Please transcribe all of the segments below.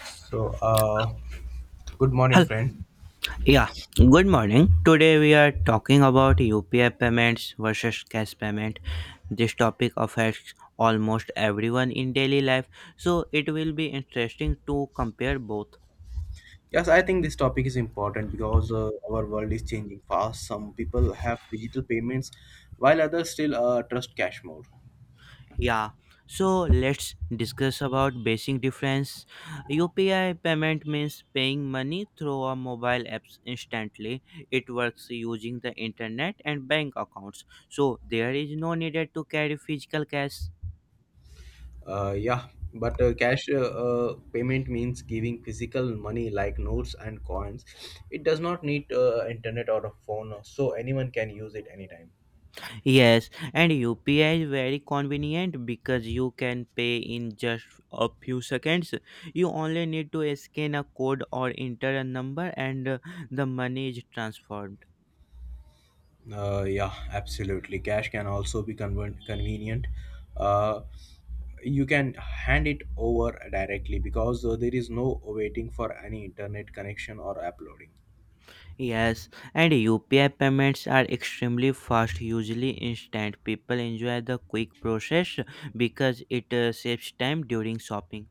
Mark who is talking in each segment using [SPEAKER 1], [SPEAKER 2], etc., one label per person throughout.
[SPEAKER 1] So, good morning,
[SPEAKER 2] Hello.
[SPEAKER 1] friend.
[SPEAKER 2] Yeah. Good morning. Today we are talking about UPI payments versus cash payment. This topic affects almost everyone in daily life, so it will be interesting to compare both.
[SPEAKER 1] Yes, I think this topic is important because our world is changing fast. Some people have digital payments, while others still trust cash more.
[SPEAKER 2] Yeah. So let's discuss about basic difference. UPI payment means paying money through a mobile apps instantly. It works using the internet and bank accounts. So there is no needed to carry physical cash.
[SPEAKER 1] Yeah, but cash payment means giving physical money like notes and coins. It does not need internet or a phone, so anyone can use it anytime.
[SPEAKER 2] Yes, and UPI is very convenient because you can pay in just a few seconds. You only need to scan a code or enter a number and the money is transferred.
[SPEAKER 1] Yeah, absolutely. Cash can also be convenient. Uh, you can hand it over directly because there is no waiting for any internet connection or uploading.
[SPEAKER 2] Yes, and UPI payments are extremely fast, usually instant. People enjoy the quick process because it saves time during shopping.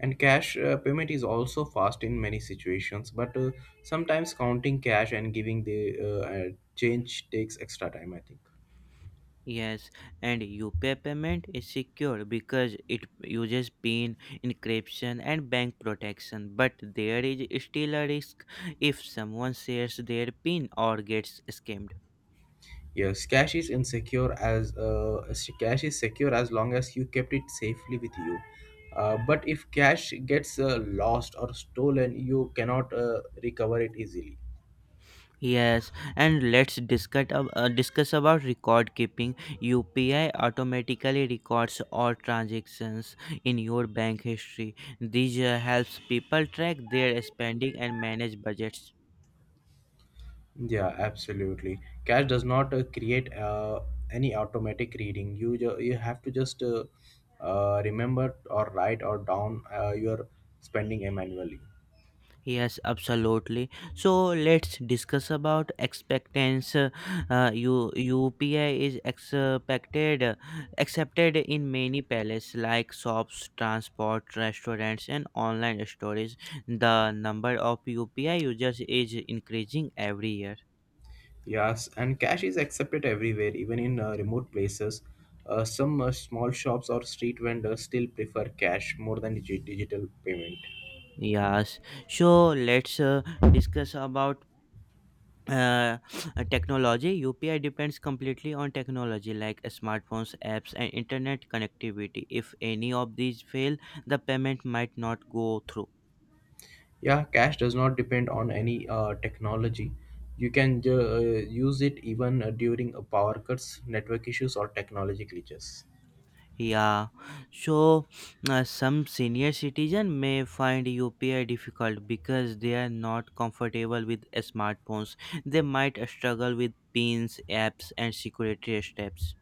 [SPEAKER 1] And cash payment is also fast in many situations, but sometimes counting cash and giving the change takes extra time, I think.
[SPEAKER 2] Yes, and UPI payment is secure because it uses PIN, encryption, and bank protection. But there is still a risk if someone shares their PIN or gets scammed.
[SPEAKER 1] Cash is secure as long as you kept it safely with you. But if cash gets lost or stolen, you cannot recover it easily.
[SPEAKER 2] Yes, and let's discuss about record keeping. UPI automatically records all transactions in your bank history. This helps people track their spending and manage budgets.
[SPEAKER 1] Yeah, absolutely. Cash does not create any automatic reading. You have to just remember or write or down your spending manually.
[SPEAKER 2] Yes, absolutely. So let's discuss about expectance. UPI is accepted in many palaces like shops, transport, restaurants, and online stores. The number of UPI users is increasing every year.
[SPEAKER 1] Yes, and cash is accepted everywhere, even in remote places. Some small shops or street vendors still prefer cash more than digital payment.
[SPEAKER 2] Yes. So let's discuss about technology. UPI depends completely on technology like smartphones apps and internet connectivity. If any of these fail, the payment might not go through.
[SPEAKER 1] Yeah, cash does not depend on any technology. You can ju- use it even during power cuts, network issues, or technology glitches.
[SPEAKER 2] Yeah, so some senior citizen may find UPI difficult because they are not comfortable with smartphones. They might struggle with pins apps and security steps.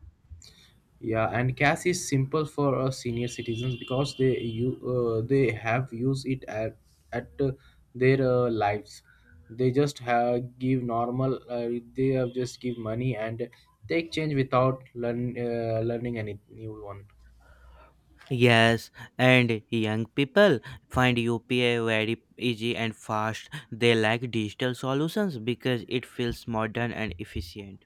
[SPEAKER 1] Yeah, and cash is simple for senior citizens because they have used it at their lives. They just have give normal. They have just give money and take change without learning any new one.
[SPEAKER 2] Yes, and young people find UPI very easy and fast. They like digital solutions because it feels modern and efficient.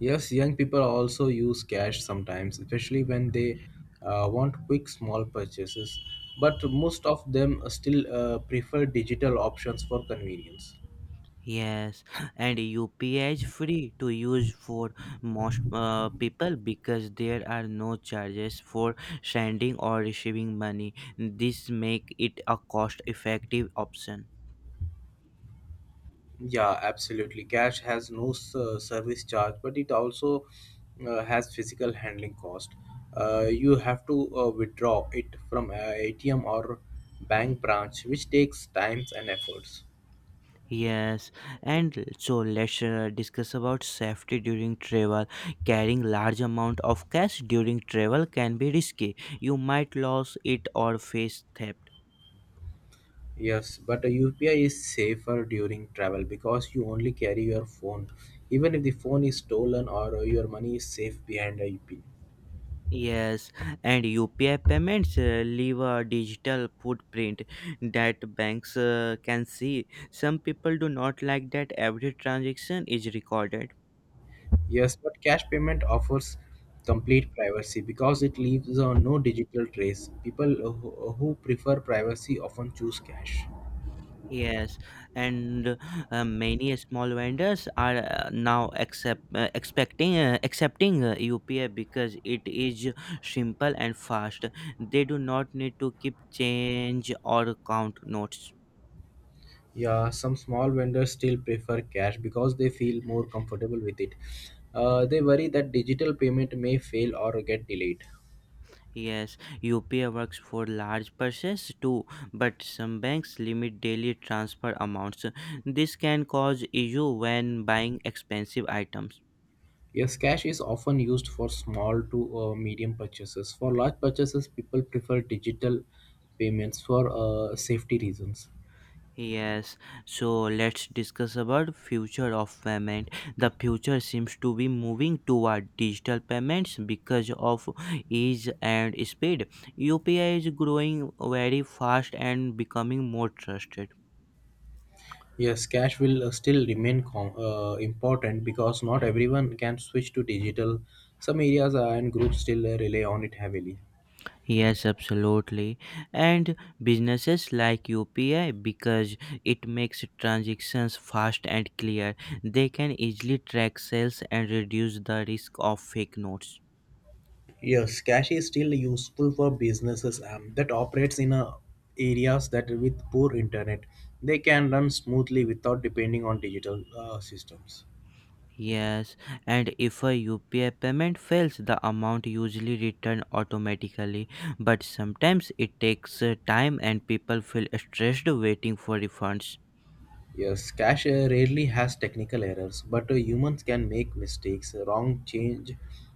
[SPEAKER 1] Yes, young people also use cash sometimes, especially when they want quick small purchases. But most of them still prefer digital options for convenience.
[SPEAKER 2] Yes, and UPI is free to use for most people because there are no charges for sending or receiving money. This make it a cost effective option.
[SPEAKER 1] Yeah, absolutely. Cash has no service charge, but it also has physical handling cost. You have to withdraw it from a ATM or bank branch, which takes times and efforts.
[SPEAKER 2] Yes, and so let's discuss about safety during travel. Carrying large amount of cash during travel can be risky. You might lose it or face theft.
[SPEAKER 1] Yes, but a UPI is safer during travel because you only carry your phone. Even if the phone is stolen or your money is safe behind a UPI.
[SPEAKER 2] Yes, and UPI payments leave a digital footprint that banks can see. Some people do not like that every transaction is recorded.
[SPEAKER 1] Yes, but cash payment offers complete privacy because it leaves no digital trace. People who prefer privacy often choose cash.
[SPEAKER 2] Yes, and many small vendors are now accepting UPI because it is simple and fast. They do not need to keep change or count notes.
[SPEAKER 1] Yeah, some small vendors still prefer cash because they feel more comfortable with it. They worry that digital payment may fail or get delayed.
[SPEAKER 2] Yes, UPI works for large purchases too, but some banks limit daily transfer amounts. This can cause issue when buying expensive items.
[SPEAKER 1] Yes, cash is often used for small to medium purchases. For large purchases, people prefer digital payments for safety reasons.
[SPEAKER 2] Yes, so let's discuss about future of payment. The future seems to be moving toward digital payments because of ease and speed. UPI is growing very fast and becoming more trusted.
[SPEAKER 1] Yes, cash will still remain important because not everyone can switch to digital. Some areas and groups still rely on it heavily.
[SPEAKER 2] Yes, absolutely. And businesses like UPI because it makes transactions fast and clear. They can easily track sales and reduce the risk of fake notes.
[SPEAKER 1] Yes, cash is still useful for businesses that operates in areas that with poor internet. They can run smoothly without depending on digital systems.
[SPEAKER 2] Yes, and if a UPI payment fails, the amount usually returned automatically. But sometimes it takes time and people feel stressed waiting for refunds.
[SPEAKER 1] Yes, cash rarely has technical errors, but humans can make mistakes. Wrong change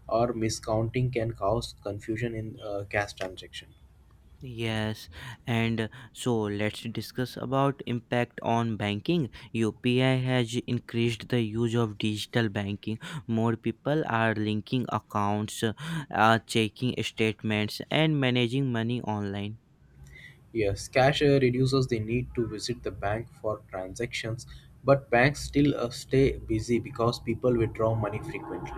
[SPEAKER 1] or miscounting can cause confusion in cash transaction.
[SPEAKER 2] Yes, and so let's discuss about impact on banking. UPI has increased the use of digital banking. More people are linking accounts, checking statements, and managing money online.
[SPEAKER 1] Yes, cashier reduces the need to visit the bank for transactions, but banks still stay busy because people withdraw money frequently.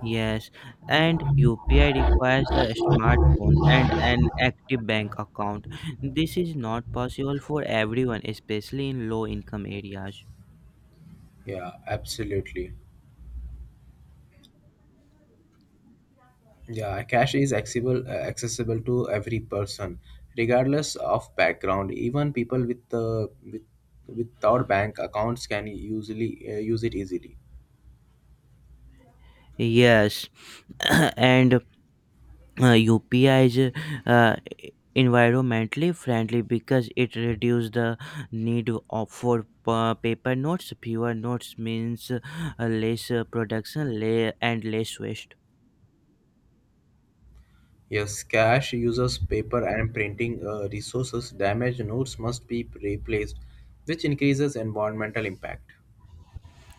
[SPEAKER 2] Yes, and UPI requires a smartphone and an active bank account. This is not possible for everyone, especially in low income areas.
[SPEAKER 1] Yeah, absolutely. Yeah, cash is accessible to every person, regardless of background. Even people without bank accounts can usually use it easily.
[SPEAKER 2] Yes, and UPI is environmentally friendly because it reduces the need of for pa- paper notes. Fewer notes means less production and less waste.
[SPEAKER 1] Yes, cash uses paper and printing resources. Damaged notes must be replaced, which increases environmental impact.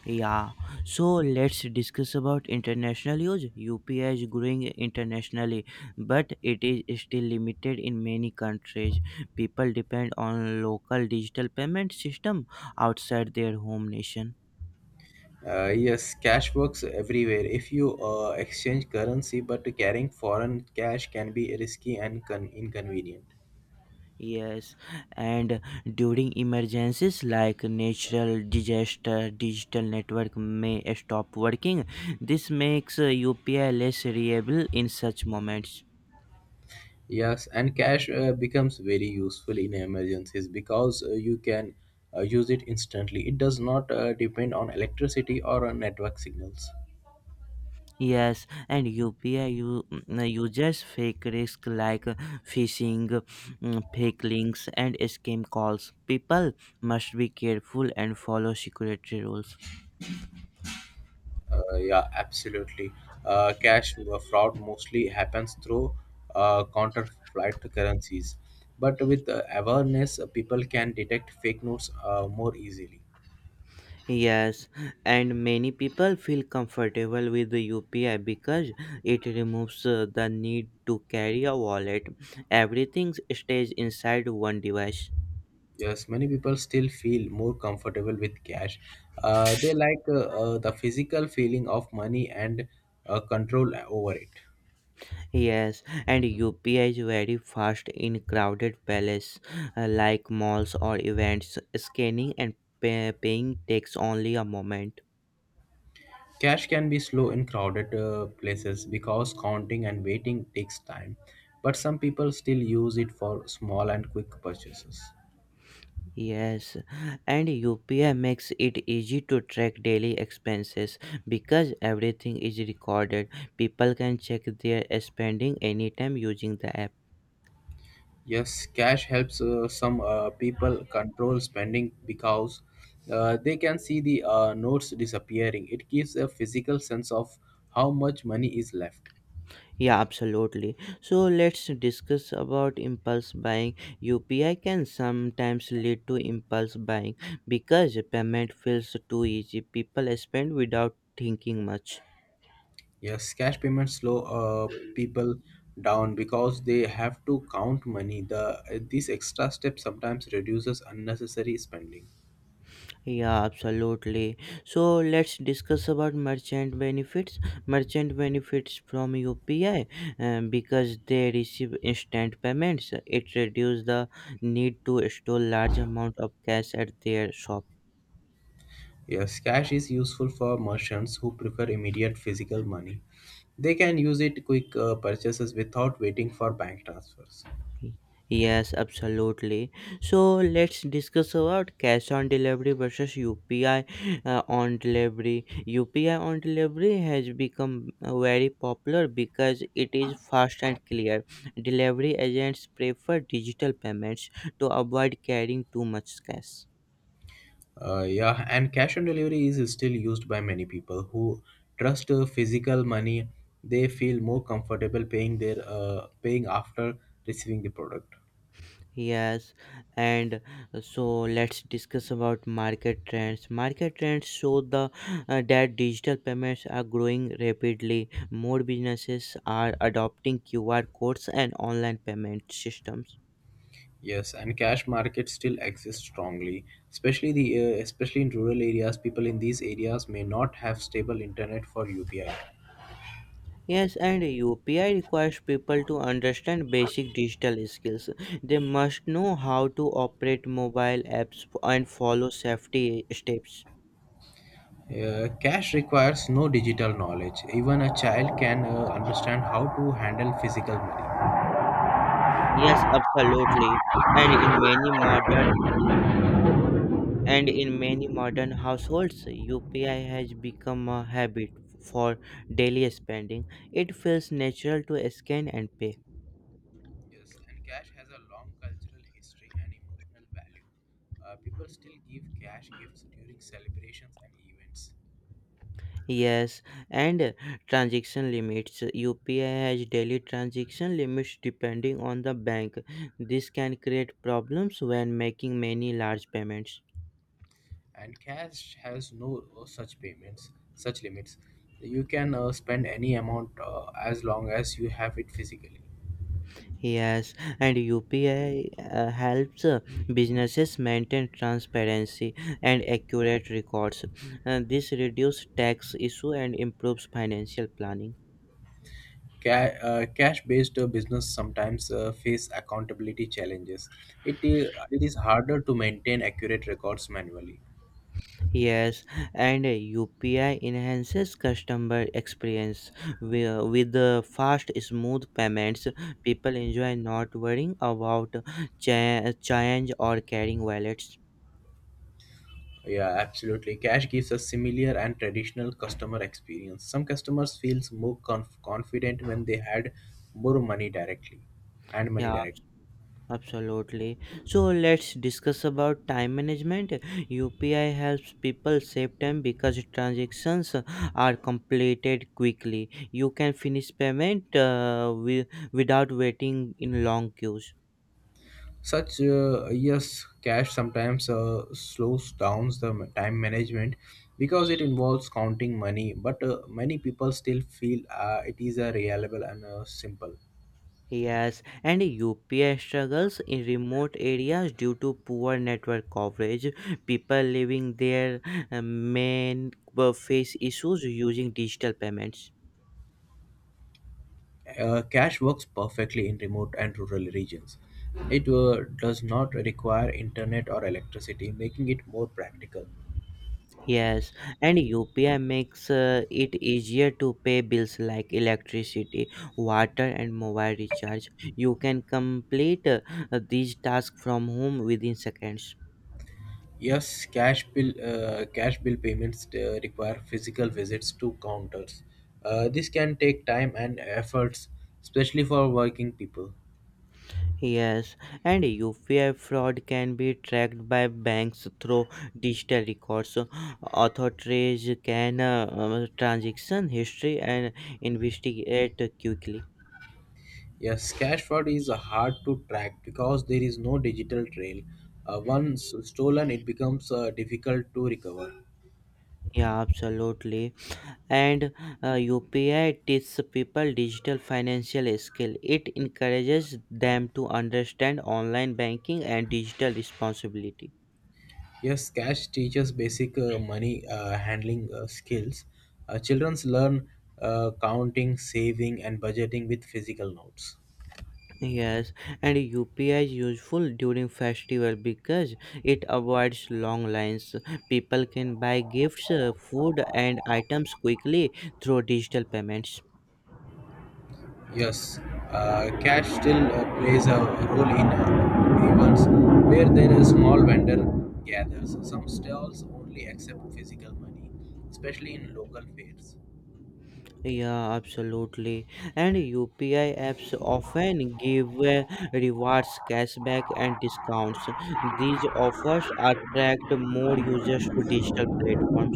[SPEAKER 2] Yeah, so let's discuss about international use. UPI is growing internationally, but it is still limited in many countries. People depend on local digital payment system outside their home nation.
[SPEAKER 1] Yes, cash works everywhere. If you exchange currency, but carrying foreign cash can be risky and inconvenient.
[SPEAKER 2] Yes, and during emergencies like natural disaster, digital network may stop working. This makes UPI less reliable in such moments.
[SPEAKER 1] Yes, and cash becomes very useful in emergencies because you can use it instantly. It does not depend on electricity or on network signals.
[SPEAKER 2] Yes, and UPI uses fake risk like phishing, fake links, and scam calls. People must be careful and follow security rules.
[SPEAKER 1] Yeah, absolutely. Cash fraud mostly happens through counterfeit currencies, but with awareness, people can detect fake notes more easily.
[SPEAKER 2] Yes, and many people feel comfortable with the UPI because it removes the need to carry a wallet. Everything stays inside one device.
[SPEAKER 1] Yes, many people still feel more comfortable with cash. They like the physical feeling of money and control over it.
[SPEAKER 2] Yes, and UPI is very fast in crowded places like malls or events. Scanning and paying takes only a moment.
[SPEAKER 1] Cash can be slow in crowded places because counting and waiting takes time, but some people still use it for small and quick purchases.
[SPEAKER 2] Yes, and UPI makes it easy to track daily expenses because everything is recorded. People can check their spending anytime using the app.
[SPEAKER 1] Yes, cash helps some people control spending because they can see the notes disappearing. It gives a physical sense of how much money is left.
[SPEAKER 2] Yeah, absolutely. So let's discuss about impulse buying. UPI can sometimes lead to impulse buying because payment feels too easy. People spend without thinking much.
[SPEAKER 1] Yes, cash payments slow people down because they have to count money. These extra steps sometimes reduces unnecessary spending.
[SPEAKER 2] Yeah, absolutely. So let's discuss about merchant benefits. Merchant benefits from UPI because they receive instant payments. It reduces the need to store large amount of cash at their shop.
[SPEAKER 1] Yes, cash is useful for merchants who prefer immediate physical money. They can use it quick purchases without waiting for bank transfers.
[SPEAKER 2] Yes, absolutely. So let's discuss about cash on delivery versus UPI on delivery. UPI on delivery has become very popular because it is fast and clear. Delivery agents prefer digital payments to avoid carrying too much cash.
[SPEAKER 1] Yeah, and cash on delivery is still used by many people who trust physical money. They feel more comfortable paying after receiving the product.
[SPEAKER 2] Yes, and so let's discuss about market trends. Market trends show the that digital payments are growing rapidly. More businesses are adopting QR codes and online payment systems.
[SPEAKER 1] Yes, and cash markets still exist strongly, especially in rural areas. People in these areas may not have stable internet for UPI.
[SPEAKER 2] Yes, and UPI requires people to understand basic digital skills. They must know how to operate mobile apps and follow safety steps.
[SPEAKER 1] Cash requires no digital knowledge. Even a child can understand how to handle physical money.
[SPEAKER 2] Yes, absolutely. And in many modern and in many modern households, UPI has become a habit for daily spending. It feels natural to scan and pay.
[SPEAKER 1] Yes, and cash has a long cultural history and emotional value. People still give cash gifts during celebrations and events.
[SPEAKER 2] Yes, and transaction limits. UPI has daily transaction limits depending on the bank. This can create problems when making many large payments.
[SPEAKER 1] And cash has no such limits. You can spend any amount as long as you have it physically.
[SPEAKER 2] Yes, and UPI helps businesses maintain transparency and accurate records. This reduces tax issue and improves financial planning.
[SPEAKER 1] Cash-based business sometimes face accountability challenges. It is harder to maintain accurate records manually.
[SPEAKER 2] Yes, and UPI enhances customer experience with the fast, smooth payments. People enjoy not worrying about change or carrying wallets.
[SPEAKER 1] Yeah, absolutely. Cash gives a similar and traditional customer experience. Some customers confident when they had more money directly and money
[SPEAKER 2] Yeah,
[SPEAKER 1] directly
[SPEAKER 2] absolutely. So let's discuss about time management. UPI helps people save time because transactions are completed quickly. You can finish payment without waiting in long queues.
[SPEAKER 1] Such Yes, cash sometimes slows down the time management because it involves counting money. But many people still feel it is a reliable and simple.
[SPEAKER 2] Yes, and UPI struggles in remote areas due to poor network coverage. People living there may face issues using digital payments.
[SPEAKER 1] Cash works perfectly in remote and rural regions. It does not require internet or electricity, making it more practical.
[SPEAKER 2] Yes, and UPI makes it easier to pay bills like electricity, water, and mobile recharge. You can complete these tasks from home within seconds.
[SPEAKER 1] Yes, cash bill payments require physical visits to counters. This can take time and efforts, especially for working people.
[SPEAKER 2] Yes, and UPI fraud can be tracked by banks through digital records. Authorities can transaction history and investigate quickly.
[SPEAKER 1] Yes, cash fraud is hard to track because there is no digital trail. Once stolen, it becomes difficult to recover.
[SPEAKER 2] Yeah, absolutely. And UPI teaches people digital financial skill. It encourages them to understand online banking and digital responsibility.
[SPEAKER 1] Yes, cash teaches basic money handling skills. Children learn counting, saving, and budgeting with physical notes.
[SPEAKER 2] Yes, and UPI is useful during festival because it avoids long lines. People can buy gifts, food, and items quickly through digital payments.
[SPEAKER 1] Yes, cash still plays a role in events where there is small vendor gathers. Some stalls only accept physical money, especially in local fairs.
[SPEAKER 2] Yeah, absolutely. And UPI apps often give rewards, cashback, and discounts. These offers attract more users to digital platforms.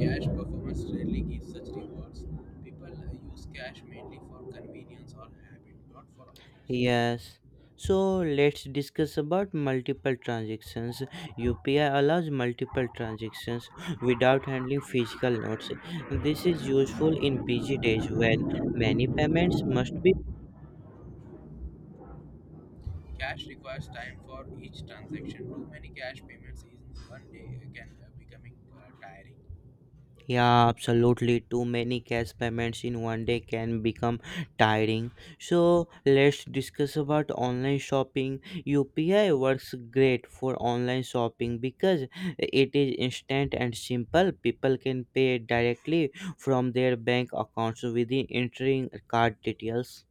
[SPEAKER 1] Cash performance rarely gives such rewards. People use cash mainly for convenience or habit, not for offers.
[SPEAKER 2] Yes. So let's discuss about multiple transactions. UPI allows multiple transactions without handling physical notes. This is useful in busy days when many payments must be.
[SPEAKER 1] Cash requires time for each transaction. Too many cash payments in one day can becoming tiring.
[SPEAKER 2] Yeah, absolutely. Too many cash payments in one day can become tiring. So let's discuss about online shopping. UPI works great for online shopping because it is instant and simple. People can pay directly from their bank accounts within entering card details.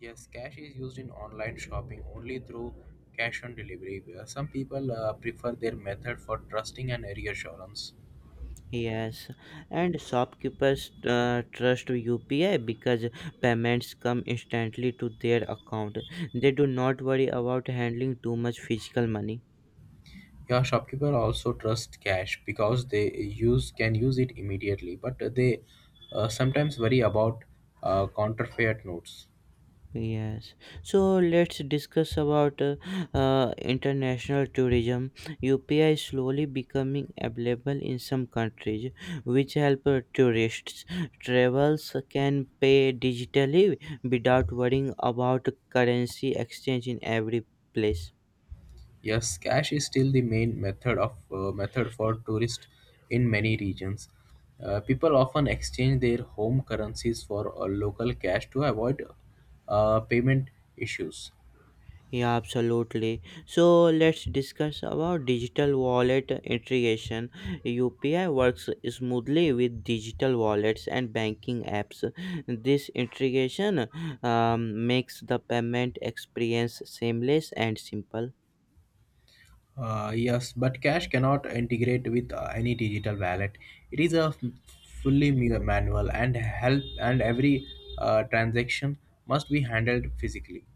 [SPEAKER 1] Yes, cash is used in online shopping only through cash on delivery, where some people prefer their method for trusting and reassurance.
[SPEAKER 2] Yes, and shopkeepers trust UPI because payments come instantly to their account. They do not worry about handling too much physical money.
[SPEAKER 1] Yeah, shopkeeper also trust cash because they use can use it immediately, but they sometimes worry about counterfeit notes.
[SPEAKER 2] Yes, so let's discuss about international tourism. UPI is slowly becoming available in some countries, which help tourists. Travels can pay digitally without worrying about currency exchange in every place.
[SPEAKER 1] Yes, cash is still the main method for tourists in many regions. People often exchange their home currencies for local cash to avoid payment issues.
[SPEAKER 2] Yeah, absolutely. So let's discuss about digital wallet integration. UPI works smoothly with digital wallets and banking apps. This integration makes the payment experience seamless and simple.
[SPEAKER 1] Yes, but cash cannot integrate with any digital wallet. It is a manual and help and every transaction must be handled physically.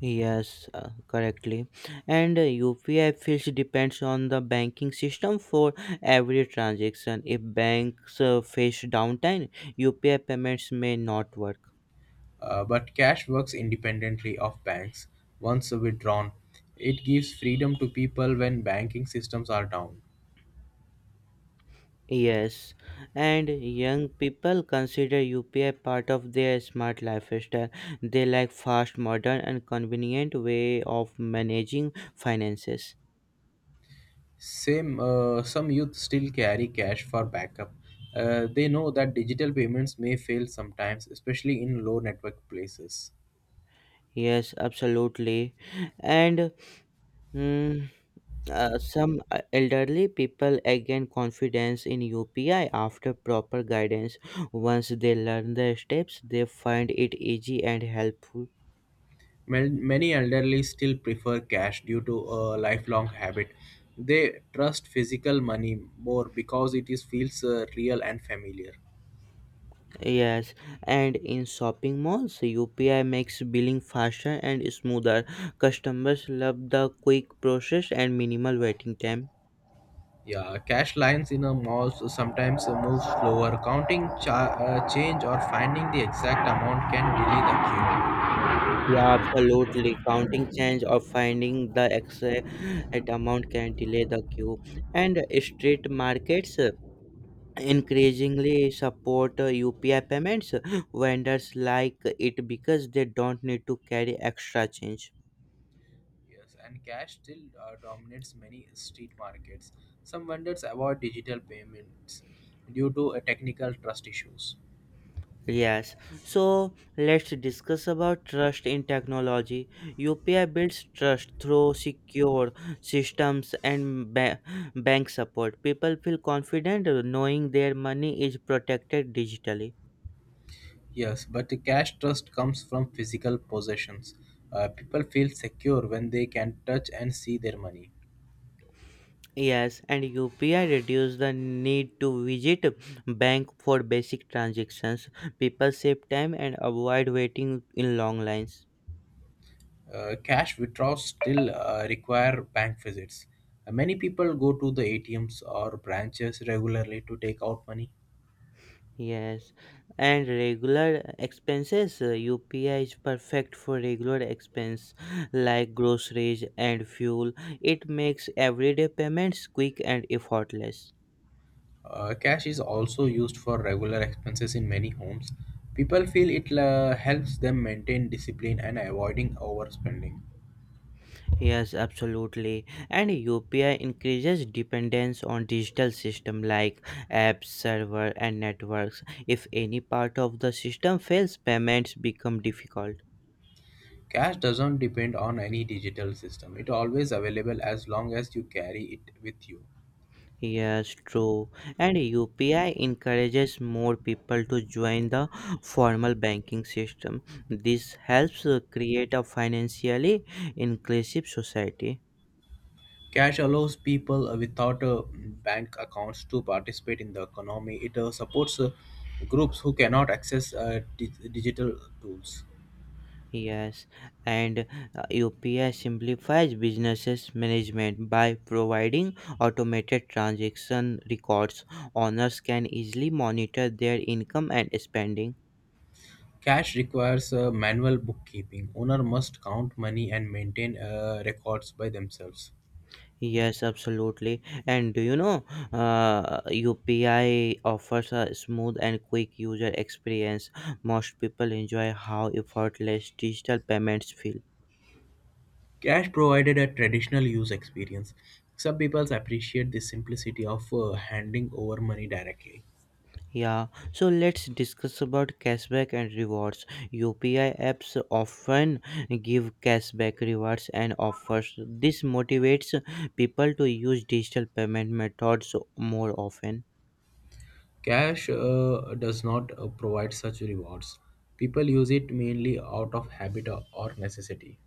[SPEAKER 2] Yes, correctly. And UPI fees depends on the banking system for every transaction. If banks face downtime, UPI payments may not work.
[SPEAKER 1] But cash works independently of banks. Once withdrawn, it gives freedom to people when banking systems are down.
[SPEAKER 2] Yes, and young people consider UPI part of their smart lifestyle. They like fast, modern, and convenient way of managing finances.
[SPEAKER 1] Same, some youth still carry cash for backup. They know that digital payments may fail sometimes, especially in low network places.
[SPEAKER 2] Yes, absolutely. And mm, some elderly people gain confidence in UPI after proper guidance. Once they learn the steps, they find it easy and helpful.
[SPEAKER 1] Many elderly still prefer cash due to a lifelong habit. They trust physical money more because it is feels real and familiar.
[SPEAKER 2] Yes, and in shopping malls, UPI makes billing faster and smoother. Customers love the quick process and minimal waiting time.
[SPEAKER 1] Yeah, cash lines in a mall so sometimes move slower. Counting change or finding the exact amount can delay the queue.
[SPEAKER 2] Yeah, absolutely. Counting change or finding the exact amount can delay the queue. And street markets increasingly support UPI payments. Vendors like it because they don't need to carry extra change.
[SPEAKER 1] Yes, and cash still dominates many street markets. Some vendors avoid digital payments due to technical trust issues.
[SPEAKER 2] Yes, so let's discuss about trust in technology. UPI builds trust through secure systems and bank support. People feel confident knowing their money is protected digitally.
[SPEAKER 1] Yes, but the cash trust comes from physical possessions. People feel secure when they can touch and see their money.
[SPEAKER 2] Yes, and UPI reduces the need to visit bank for basic transactions. People save time and avoid waiting in long lines.
[SPEAKER 1] Cash withdrawals still require bank visits. Many people go to the ATMs or branches regularly to take out money.
[SPEAKER 2] Yes, and regular expenses. UPI is perfect for regular expense like groceries and fuel. It makes everyday payments quick and effortless.
[SPEAKER 1] Cash is also used for regular expenses in many homes. People feel it helps them maintain discipline and avoiding overspending.
[SPEAKER 2] Yes, absolutely. And UPI increases dependence on digital system like apps, server, and networks. If any part of the system fails, payments become difficult.
[SPEAKER 1] Cash doesn't depend on any digital system. It always available as long as you carry it with you.
[SPEAKER 2] Yes, true. And UPI encourages more people to join the formal banking system. This helps create a financially inclusive society.
[SPEAKER 1] Cash allows people without bank accounts to participate in the economy. It supports groups who cannot access digital tools.
[SPEAKER 2] Yes, and UPI simplifies businesses management by providing automated transaction records. Owners can easily monitor their income and spending.
[SPEAKER 1] Cash requires manual bookkeeping. Owner must count money and maintain records by themselves.
[SPEAKER 2] Yes, absolutely. And UPI offers a smooth and quick user experience. Most people enjoy how effortless digital payments feel.
[SPEAKER 1] Cash provided a traditional use experience. Some people appreciate the simplicity of handing over money directly.
[SPEAKER 2] Yeah, so let's discuss about cashback and rewards. UPI apps often give cashback rewards and offers. This motivates people to use digital payment methods more often.
[SPEAKER 1] Cash does not provide such rewards. People use it mainly out of habit or necessity.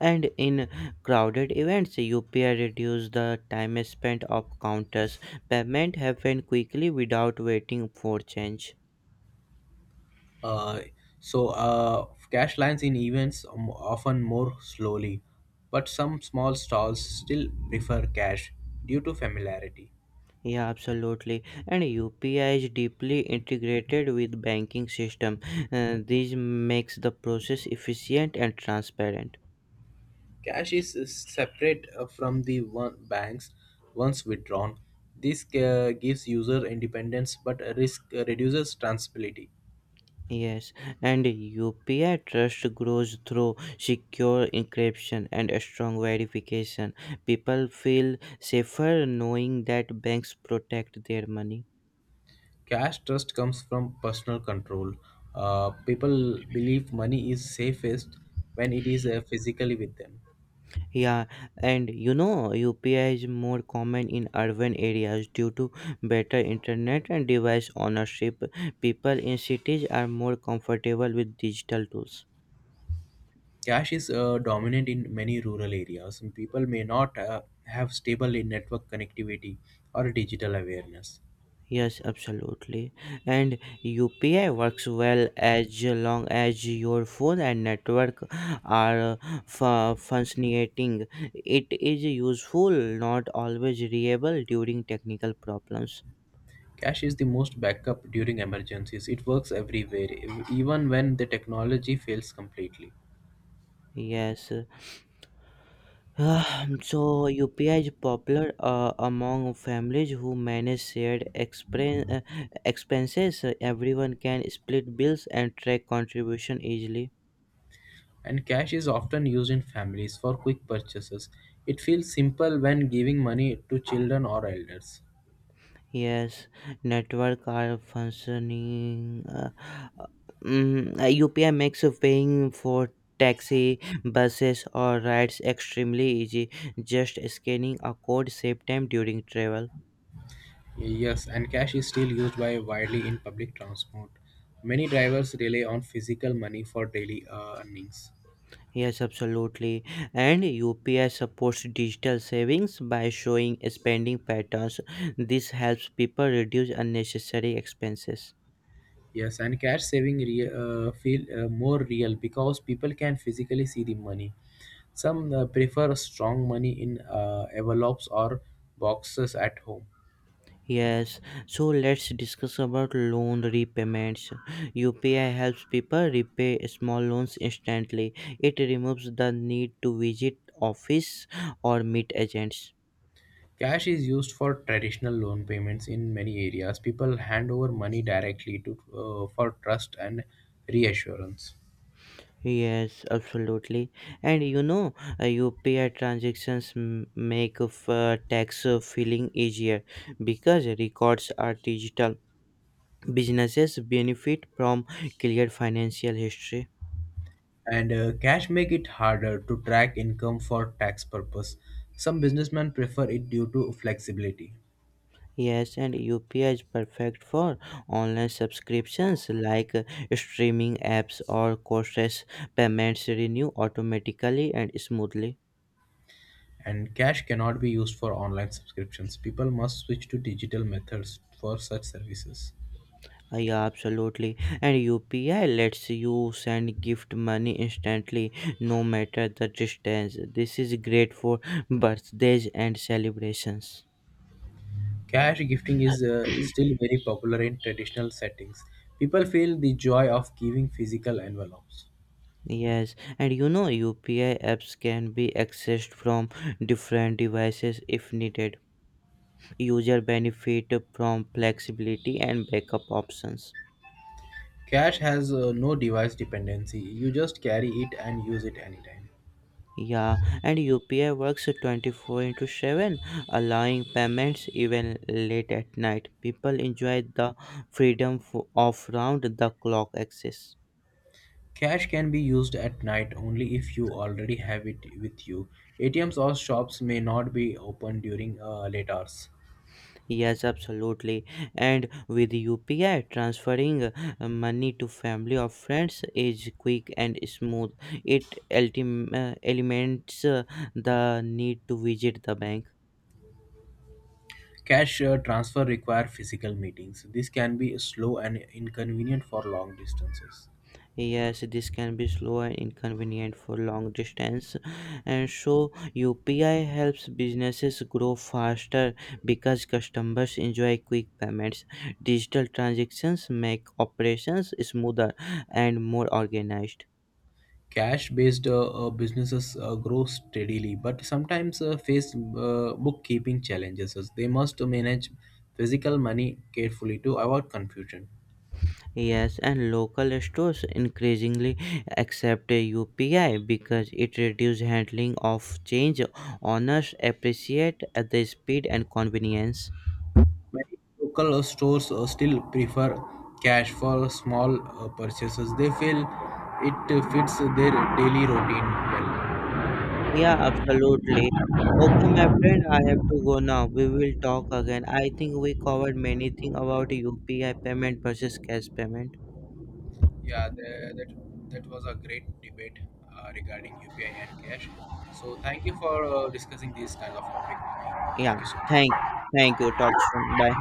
[SPEAKER 2] And in crowded events, UPI reduces the time spent of counters. Payment happen quickly without waiting for change.
[SPEAKER 1] Uh, so, cash lines in events often more slowly, but some small stalls still prefer cash due to familiarity.
[SPEAKER 2] Yeah, absolutely. And UPI is deeply integrated with banking system. This makes the process efficient and transparent.
[SPEAKER 1] Cash is separate from the one banks once withdrawn. This gives user independence but risk reduces transferability.
[SPEAKER 2] Yes, and UPI trust grows through secure encryption and a strong verification. People feel safer knowing that banks protect their money.
[SPEAKER 1] Cash trust comes from personal control. People believe money is safest when it is physically with them.
[SPEAKER 2] Yeah, and UPI is more common in urban areas due to better internet and device ownership. People in cities are more comfortable with digital tools.
[SPEAKER 1] Cash is dominant in many rural areas, and people may not have stable in network connectivity or digital awareness.
[SPEAKER 2] Yes, absolutely. And UPI works well as long as your phone and network are functioning. It is useful, not always reliable during technical problems.
[SPEAKER 1] Cash is the most backup during emergencies. It works everywhere, even when the technology fails completely.
[SPEAKER 2] Yes. Ah, so UPI is popular among families who manage expenses. So, everyone can split bills and track contribution easily.
[SPEAKER 1] And cash is often used in families for quick purchases. It feels simple when giving money to children or elders.
[SPEAKER 2] Yes, network are functioning. UPI makes paying for taxi, buses, or rides extremely easy. Just scanning a code save time during travel.
[SPEAKER 1] Yes, and cash is still used by widely in public transport. Many drivers rely on physical money for daily earnings.
[SPEAKER 2] Yes, absolutely. And UPI supports digital savings by showing spending patterns. This helps people reduce unnecessary expenses.
[SPEAKER 1] Yes, and cash saving feel more real because people can physically see the money. Some prefer strong money in envelopes or boxes at home.
[SPEAKER 2] Yes, so let's discuss about loan repayments. UPI helps people repay small loans instantly. It removes the need to visit office or meet agents.
[SPEAKER 1] Cash is used for traditional loan payments in many areas. People hand over money directly to for trust and reassurance.
[SPEAKER 2] Yes, absolutely. And UPI transactions make tax filing easier because records are digital. Businesses benefit from clear financial history.
[SPEAKER 1] And cash make it harder to track income for tax purpose. Some businessmen prefer it due to flexibility.
[SPEAKER 2] Yes, and UPI is perfect for online subscriptions like streaming apps or courses. Payments renew automatically and smoothly.
[SPEAKER 1] And cash cannot be used for online subscriptions. People must switch to digital methods for such services.
[SPEAKER 2] Yeah, absolutely. And UPI lets you send gift money instantly, no matter the distance. This is great for birthdays and celebrations.
[SPEAKER 1] Cash gifting is still very popular in traditional settings. People feel the joy of giving physical envelopes.
[SPEAKER 2] Yes, and UPI apps can be accessed from different devices if needed. User benefit from flexibility and backup options.
[SPEAKER 1] Cash has no device dependency. You just carry it and use it anytime.
[SPEAKER 2] Yeah, and UPI works 24 into 7, allowing payments even late at night. People enjoy the freedom of round the clock access.
[SPEAKER 1] Cash can be used at night only if you already have it with you. ATMs or shops may not be open during late hours.
[SPEAKER 2] Yes, absolutely. And with UPI, transferring money to family or friends is quick and smooth. It eliminates the need to visit the bank.
[SPEAKER 1] Cash transfer require physical meetings. This can be slow and inconvenient for long distances.
[SPEAKER 2] Yes, this can be slow and inconvenient for long distance, and so UPI helps businesses grow faster because customers enjoy quick payments. Digital transactions make operations smoother and more organized.
[SPEAKER 1] Cash-based businesses grow steadily, but sometimes face bookkeeping challenges, as they must manage physical money carefully to avoid confusion.
[SPEAKER 2] Yes, and local stores increasingly accept UPI because it reduces handling of change. Owners appreciate the speed and convenience.
[SPEAKER 1] Many local stores still prefer cash for small purchases. They feel it fits their daily routine well.
[SPEAKER 2] Yeah, absolutely. Okay, my friend, I have to go now. We will talk again. I think we covered many things about UPI payment versus cash payment.
[SPEAKER 1] Yeah, the, that that was a great debate regarding UPI and cash. So thank you for discussing these kind of topic with me.
[SPEAKER 2] Yeah,
[SPEAKER 1] Thank you so
[SPEAKER 2] thank,
[SPEAKER 1] much.
[SPEAKER 2] thank you. Talk soon. Bye.